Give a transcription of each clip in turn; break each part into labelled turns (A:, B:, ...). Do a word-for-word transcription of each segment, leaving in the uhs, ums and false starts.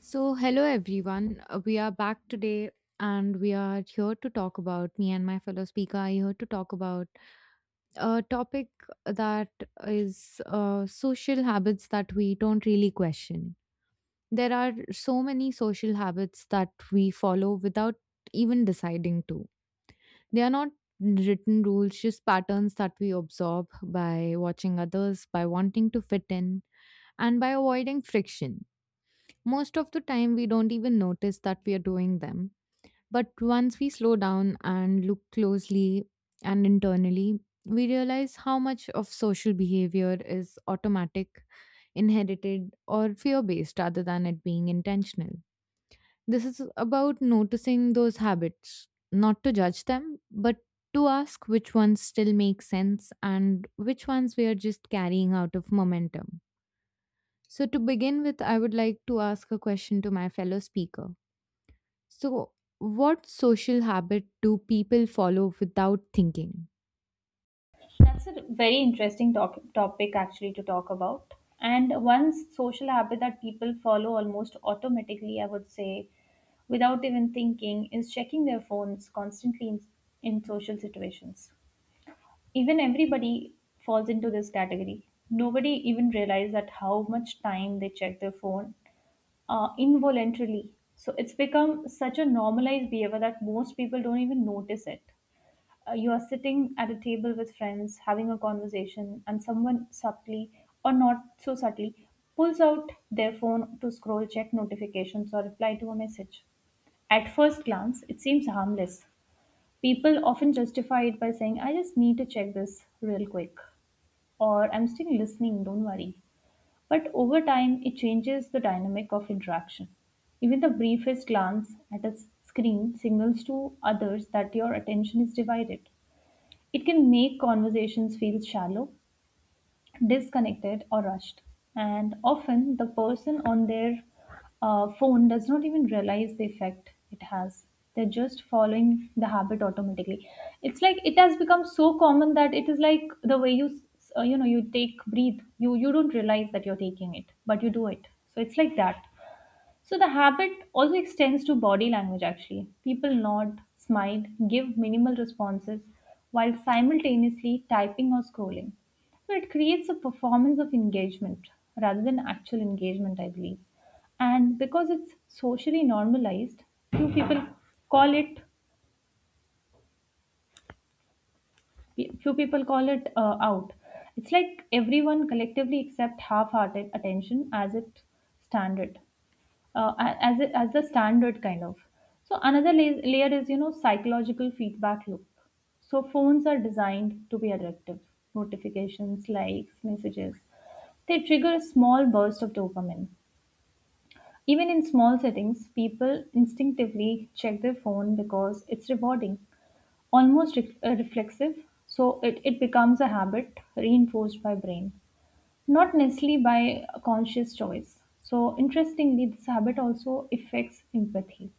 A: So, hello everyone. Uh, We are back today and we are here to talk about me and my fellow speaker are here to talk about a topic that is uh, social habits that we don't really question. There are so many social habits that we follow without even deciding to. They are not written rules, just patterns that we absorb by watching others, by wanting to fit in, and by avoiding friction most of the time, we don't even notice that we are doing them. But once we slow down and look closely and internally, we realize how much of social behavior is automatic, inherited, or fear based rather than it being intentional. This is about noticing those habits, not to judge them, but to ask which ones still make sense and which ones we are just carrying out of momentum. So, to begin with, I would like to ask a question to my fellow speaker. So, what social habit do people follow without thinking?
B: That's a very interesting doc- topic actually to talk about. And one social habit that people follow almost automatically, I would say, without even thinking, is checking their phones constantly in, in social situations. Even everybody falls into this category. Nobody even realizes that how much time they check their phone uh, involuntarily. So it's become such a normalized behavior that most people don't even notice it. Uh, you are sitting at a table with friends having a conversation and someone subtly or not so subtly pulls out their phone to scroll, check notifications, or reply to a message. At first glance it seems harmless. People often justify it by saying, "I just need to check this real quick," or, "I'm still listening, don't worry." But over time, it changes the dynamic of interaction. Even the briefest glance at a s- screen signals to others that your attention is divided. It can make conversations feel shallow, disconnected, or rushed. And often, the person on their uh, phone does not even realize the effect it has. They're just following the habit automatically. It's like it has become so common that it is like the way you, s- uh, you know, you take breathe. You you don't realize that you're taking it, but you do it. So it's like that. So the habit also extends to body language actually. People nod, smile, give minimal responses while simultaneously typing or scrolling. So it creates a performance of engagement rather than actual engagement, I believe. And because it's socially normalized, few people call it few people call it uh, out. It's like everyone collectively accept half-hearted attention as it standard. uh, a- as a, as the standard kind of. So another la- layer is, you know, psychological feedback loop. So phones are designed to be addictive. Notifications, likes, messages, they trigger a small burst of dopamine. Even in small settings, people instinctively check their phone because it's rewarding, almost re- uh, reflexive. So it, it becomes a habit reinforced by brain. Not necessarily by a conscious choice. So, interestingly, this habit also affects empathy.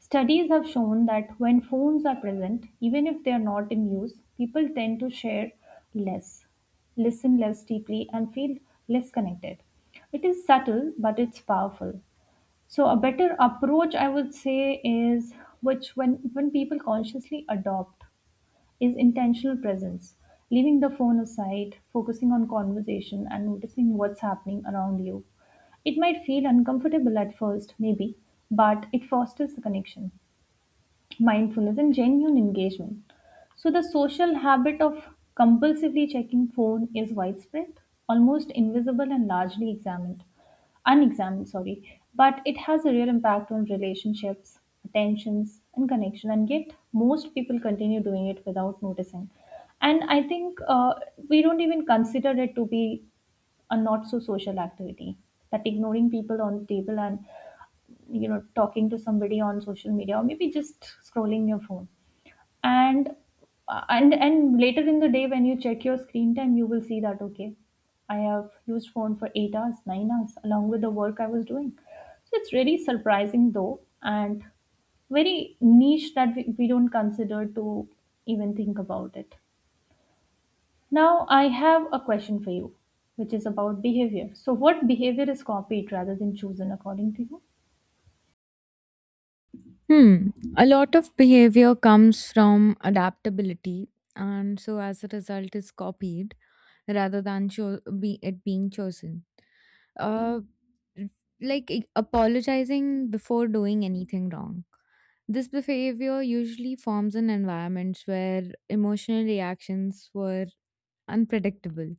B: Studies have shown that when phones are present, even if they are not in use, people tend to share less, listen less deeply, and feel less connected. It is subtle, but it's powerful. So, a better approach, I would say, is which when, when people consciously adopt is intentional presence, leaving the phone aside, focusing on conversation, and noticing what's happening around you. It might feel uncomfortable at first, maybe, but it fosters the connection, mindfulness, and genuine engagement. So the social habit of compulsively checking phone is widespread, almost invisible, and largely examined, unexamined, sorry, but it has a real impact on relationships, attentions, and connection, and yet most people continue doing it without noticing. And I think uh, we don't even consider it to be a not so social activity, that ignoring people on the table and, you know, talking to somebody on social media or maybe just scrolling your phone, and and and later in the day when you check your screen time, you will see that, okay, I have used phone for eight hours, nine hours, along with the work I was doing. So it's really surprising though, and very niche that we, we don't consider to even think about it. Now I have a question for you, which is about behavior. So what behavior is copied rather than chosen, according to you?
A: Hmm. A lot of behavior comes from adaptability, and so as a result, is copied rather than cho- be it being chosen. uh like, i- apologizing before doing anything wrong, this behavior usually forms in environments where emotional reactions were unpredictable.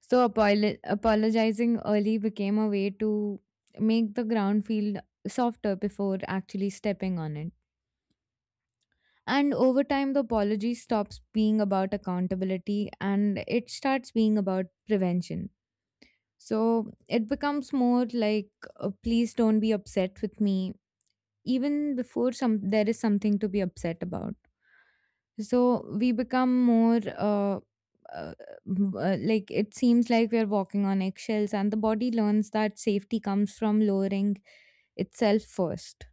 A: So apol- apologizing early became a way to make the ground feel softer before actually stepping on it. And over time, the apology stops being about accountability and it starts being about prevention. So it becomes more like, uh, please don't be upset with me, even before some there is something to be upset about. So we become more, uh, uh, m- uh, like, it seems like we are walking on eggshells, and the body learns that safety comes from lowering itself first.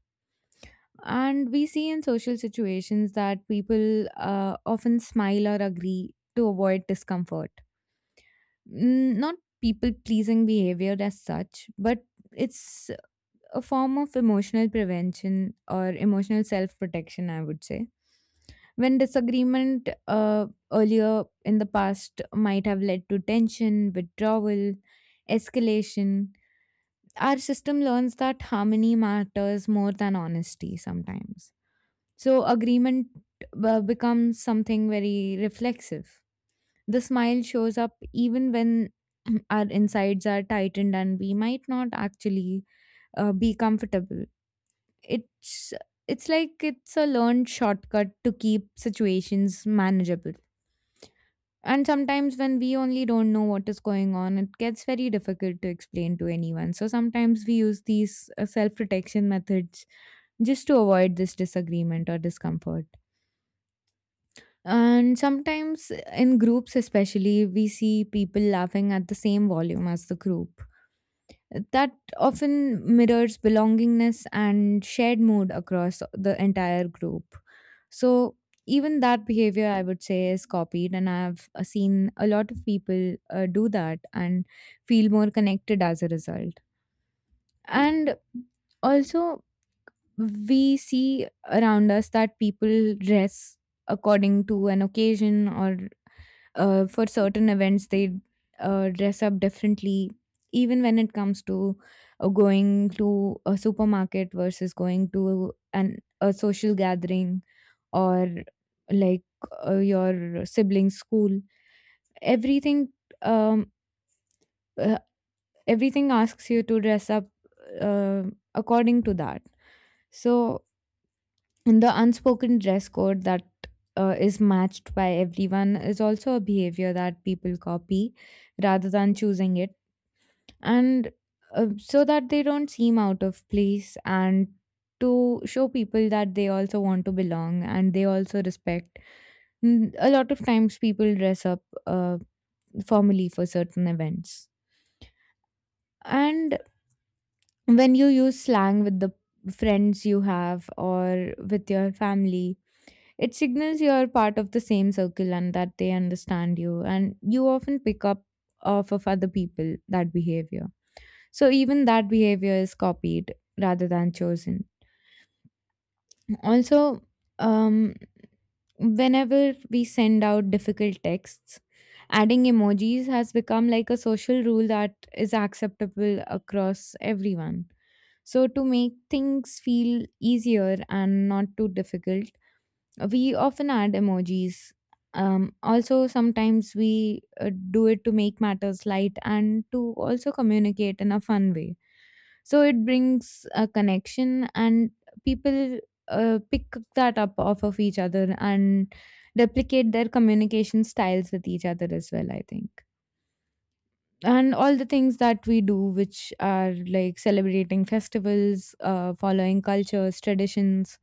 A: And we see in social situations that people uh, often smile or agree to avoid discomfort. Mm. Not people pleasing behavior as such, but it's a form of emotional prevention or emotional self protection, I would say. When disagreement uh, earlier in the past might have led to tension, withdrawal, escalation, our system learns that harmony matters more than honesty sometimes. So, agreement uh, becomes something very reflexive. The smile shows up even when our insides are tightened and we might not actually uh, be comfortable. It's it's like it's a learned shortcut to keep situations manageable. And sometimes when we only don't know what is going on, it gets very difficult to explain to anyone. So sometimes we use these uh, self-protection methods just to avoid this disagreement or discomfort. And sometimes in groups, especially, we see people laughing at the same volume as the group. That often mirrors belongingness and shared mood across the entire group. So, even that behavior, I would say, is copied, and I've uh, seen a lot of people uh, do that and feel more connected as a result. And also, we see around us that people dress according to an occasion or uh, for certain events they uh, dress up differently, even when it comes to uh, going to a supermarket versus going to an a social gathering, or like uh, your sibling's school. Everything, um uh, everything asks you to dress up uh, according to that. So the unspoken dress code that uh, is matched by everyone is also a behavior that people copy rather than choosing it, and uh, so that they don't seem out of place and to show people that they also want to belong and they also respect. Mm. A lot of times people dress up uh, formally for certain events. And when you use slang with the friends you have or with your family, it signals you're part of the same circle and that they understand you. And you often pick up off of other people that behavior. So even that behavior is copied rather than chosen. Also, um, whenever we send out difficult texts, adding emojis has become like a social rule that is acceptable across everyone. So, to make things feel easier and not too difficult, we often add emojis. Um, also, sometimes we uh, do it to make matters light and to also communicate in a fun way. So it brings a connection, and people uh, pick that up off of each other and replicate their communication styles with each other as well, I think. And all the things that we do which are like celebrating festivals, uh, following cultures, traditions,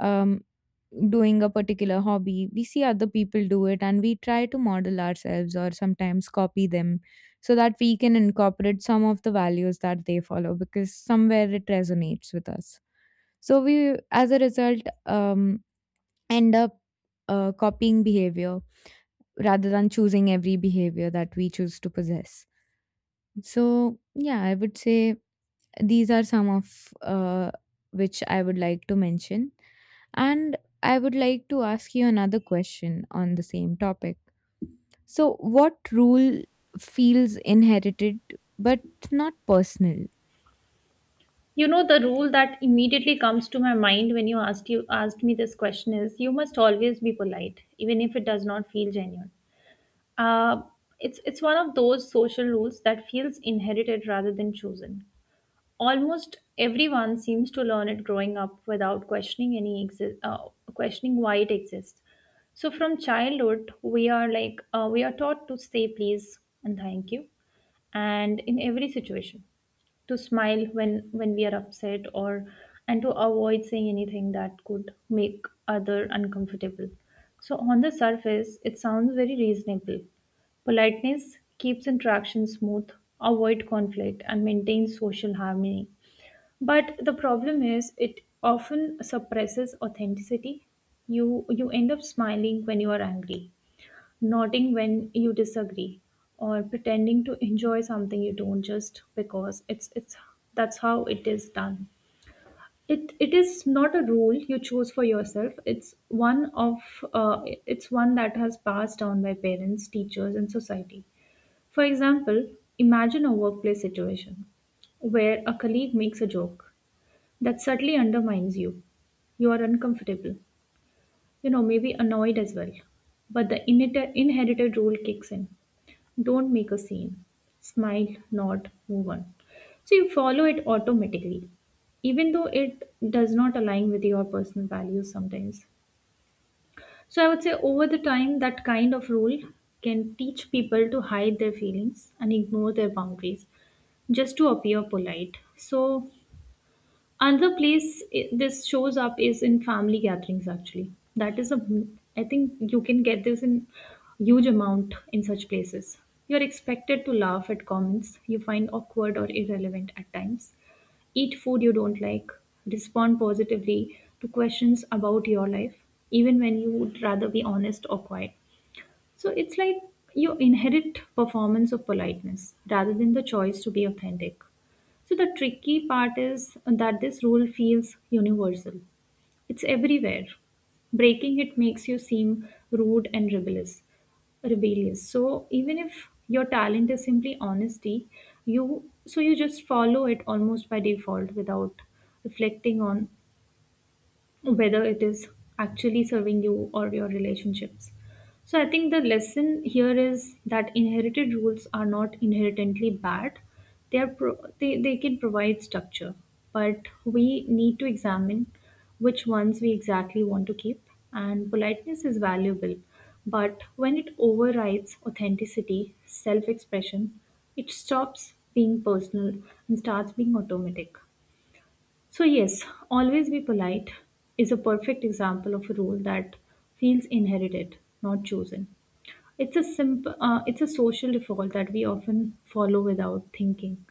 A: um, doing a particular hobby, we see other people do it and we try to model ourselves or sometimes copy them so that we can incorporate some of the values that they follow because somewhere it resonates with us. So we, as a result, um, end up uh, copying behavior rather than choosing every behavior that we choose to possess. So, yeah, I would say these are some of uh, which I would like to mention. And I would like to ask you another question on the same topic. So, what rule feels inherited but not personal?
B: You know, the rule that immediately comes to my mind when you asked you asked me this question is you must always be polite, even if it does not feel genuine. Uh, it's it's one of those social rules that feels inherited rather than chosen. Almost everyone seems to learn it growing up without questioning any exi- uh, questioning why it exists. So from childhood, we are like uh, we are taught to say please and thank you, and in every situation to smile when when we are upset or, and to avoid saying anything that could make other uncomfortable. So on the surface it sounds very reasonable. Politeness keeps interaction smooth, avoid conflict, and maintains social harmony. But the problem is it often suppresses authenticity. You you end up smiling when you are angry, nodding when you disagree, or pretending to enjoy something you don't, just because it's it's that's how it is done. It it is not a rule you choose for yourself. It's one of uh, it's one that has passed down by parents, teachers, and society. For example, imagine a workplace situation where a colleague makes a joke that subtly undermines you. You are uncomfortable, you know, maybe annoyed as well. But the inherited, inherited rule kicks in. Don't make a scene. Smile, nod, move on. So you follow it automatically, even though it does not align with your personal values sometimes. So I would say over the time, that kind of rule can teach people to hide their feelings and ignore their boundaries just to appear polite. So another place i- this shows up is in family gatherings actually. That is a, I think you can get this in huge amount in such places. You're expected to laugh at comments you find awkward or irrelevant at times, eat food you don't like, respond positively to questions about your life, even when you would rather be honest or quiet. So it's like you inherit performance of politeness rather than the choice to be authentic. So the tricky part is that this rule feels universal. It's everywhere. Breaking it makes you seem rude and rebellious. Rebellious. So even if your talent is simply honesty, you so you just follow it almost by default without reflecting on whether it is actually serving you or your relationships. So I think the lesson here is that inherited rules are not inherently bad. They are pro- they, they can provide structure, but we need to examine which ones we exactly want to keep. And politeness is valuable, but when it overrides authenticity, self-expression, it stops being personal and starts being automatic. So, yes, always be polite is a perfect example of a rule that feels inherited, not chosen. It's a simple, uh, it's a social default that we often follow without thinking,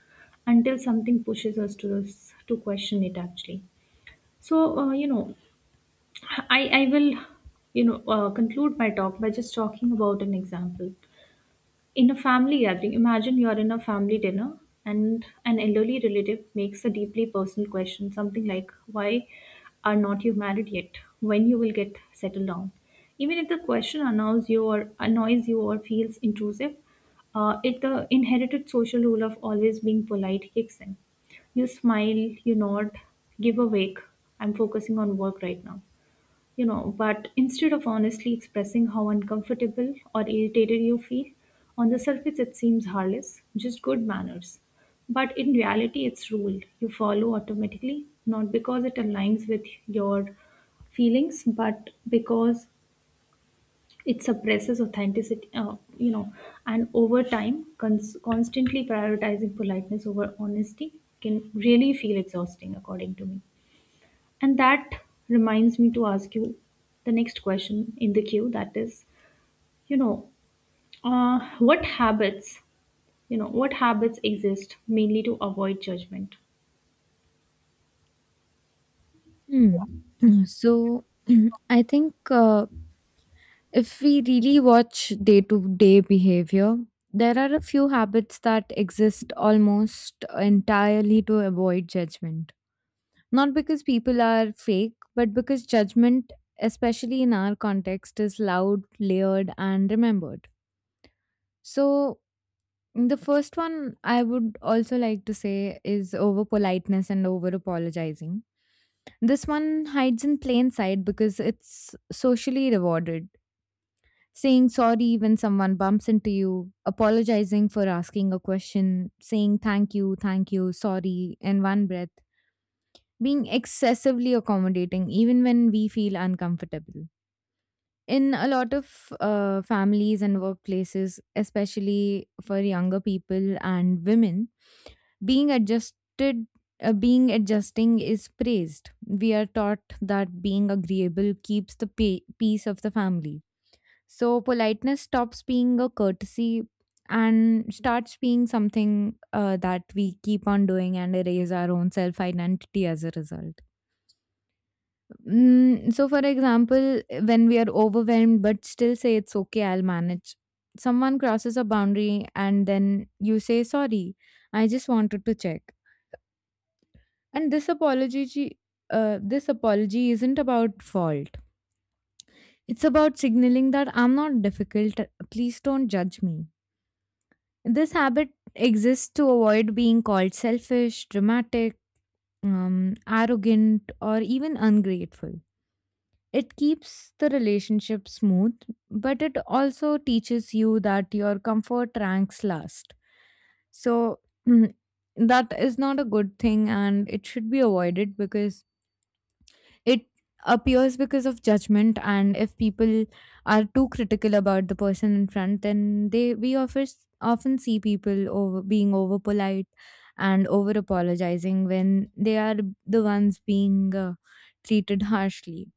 B: until something pushes us to this, to question it actually. So, uh, you know, I I will, you know, uh, conclude my talk by just talking about an example. In a family gathering, imagine you're in a family dinner and an elderly relative makes a deeply personal question, something like, "Why are not you married yet? When you will get settled down?" Even if the question annoys you or annoys you or feels intrusive, uh, it the inherited social rule of always being polite kicks in. You smile, you nod, give a wake. "I'm focusing on work right now." You know, but instead of honestly expressing how uncomfortable or irritated you feel, on the surface it seems harmless, just good manners. But in reality, it's rule you follow automatically, not because it aligns with your feelings, but because it suppresses authenticity, uh, you know, and over time, cons- constantly prioritizing politeness over honesty can really feel exhausting, according to me. And that reminds me to ask you the next question in the queue that is, you know, uh, what habits, you know, what habits exist mainly to avoid judgment?
A: Hmm. So, I think uh, if we really watch day to day behavior, there are a few habits that exist almost entirely to avoid judgment. Not because people are fake, but because judgment, especially in our context, is loud, layered, and remembered. So, the first one I would also like to say is over politeness and over apologizing. This one hides in plain sight because it's socially rewarded. Saying sorry when someone bumps into you, apologizing for asking a question, saying thank you, thank you, sorry in one breath, being excessively accommodating even when we feel uncomfortable. In a lot of uh, families and workplaces, especially for younger people and women, being adjusted, uh, being adjusting is praised. We are taught that being agreeable keeps the pa- peace of the family. So politeness stops being a courtesy and starts being something uh, that we keep on doing and erase our own self identity as a result. Mm. So, for example, when we are overwhelmed but still say it's okay, I'll manage. Someone crosses a boundary and then you say, sorry, I just wanted to check. And this apology, chi, uh, this apology isn't about fault. It's about signaling that I'm not difficult. Please don't judge me. This habit exists to avoid being called selfish, dramatic, um, arrogant, or even ungrateful. It keeps the relationship smooth, but it also teaches you that your comfort ranks last. So, mm, that is not a good thing and it should be avoided because it appears because of judgment. And if people are too critical about the person in front, then they we often often see people over being over polite and over apologizing when they are the ones being uh, treated harshly.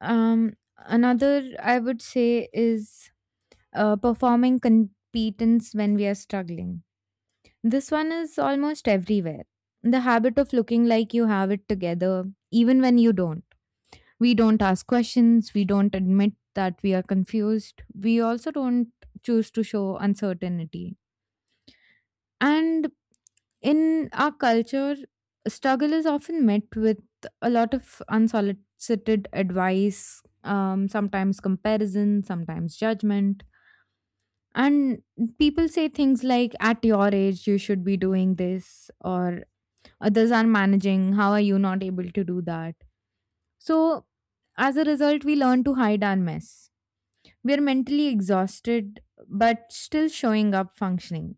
A: um, Another I would say is uh, performing competence when we are struggling. This one is almost everywhere. The habit of looking like you have it together, even when you don't. We don't ask questions, we don't admit that we are confused, we also don't choose to show uncertainty. And in our culture, struggle is often met with a lot of unsolicited advice, um, sometimes comparison, sometimes judgment. And people say things like, at your age, you should be doing this, or others are managing. How are you not able to do that? So, as a result, we learn to hide our mess. We are mentally exhausted, but still showing up functioning,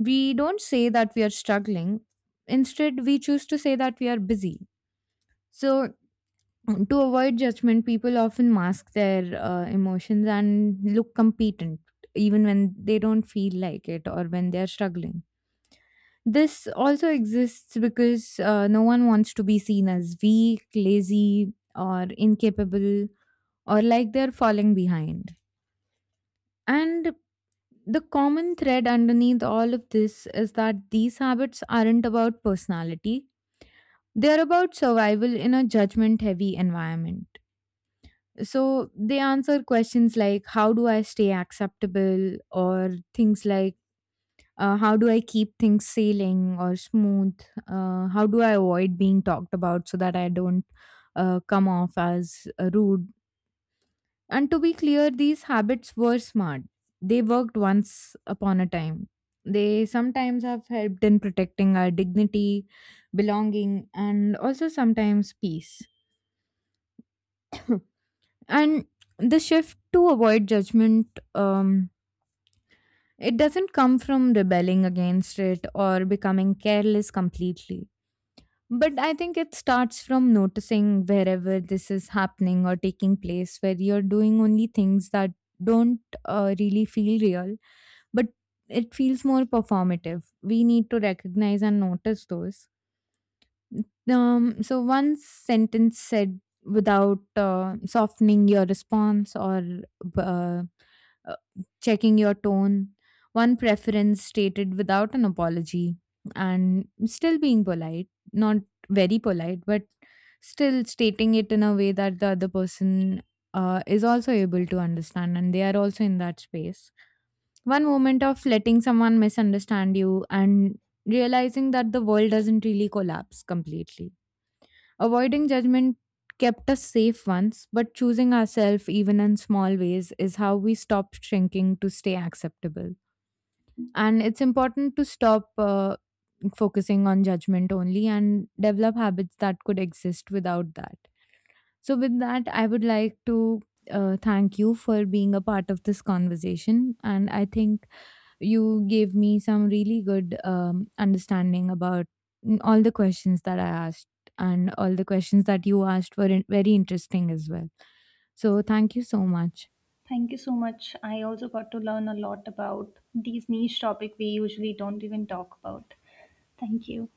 A: we don't say that we are struggling. Instead, we choose to say that we are busy. So, to avoid judgment, people often mask their uh, emotions and look competent, even when they don't feel like it or when they are struggling. This also exists because uh, no one wants to be seen as weak, lazy, or incapable, or like they're falling behind. And the common thread underneath all of this is that these habits aren't about personality. They are about survival in a judgment heavy environment. So they answer questions like, how do I stay acceptable, or things like, uh, how do I keep things sailing or smooth? Uh, how do I avoid being talked about so that I don't uh, come off as uh, rude? And to be clear, these habits were smart. They worked once upon a time. They sometimes have helped in protecting our dignity, belonging, and also sometimes peace. And the shift to avoid judgment, um, it doesn't come from rebelling against it or becoming careless completely. But I think it starts from noticing wherever this is happening or taking place, where you're doing only things that don't uh, really feel real, but it feels more performative. We need to recognize and notice those. Um, so one sentence said without uh, softening your response or uh, uh, checking your tone, one preference stated without an apology, and still being polite, not very polite, but still stating it in a way that the other person uh, is also able to understand and they are also in that space. One moment of letting someone misunderstand you and realizing that the world doesn't really collapse completely. Avoiding judgment kept us safe once, but choosing ourselves even in small ways is how we stop shrinking to stay acceptable. And it's important to stop uh, focusing on judgment only and develop habits that could exist without that. So, with that, I would like to uh, thank you for being a part of this conversation. And I think you gave me some really good um, understanding about mm, all the questions that I asked, and all the questions that you asked were in- very interesting as well. So, thank you so much.
B: Thank you so much. I also got to learn a lot about these niche topic we usually don't even talk about. Thank you.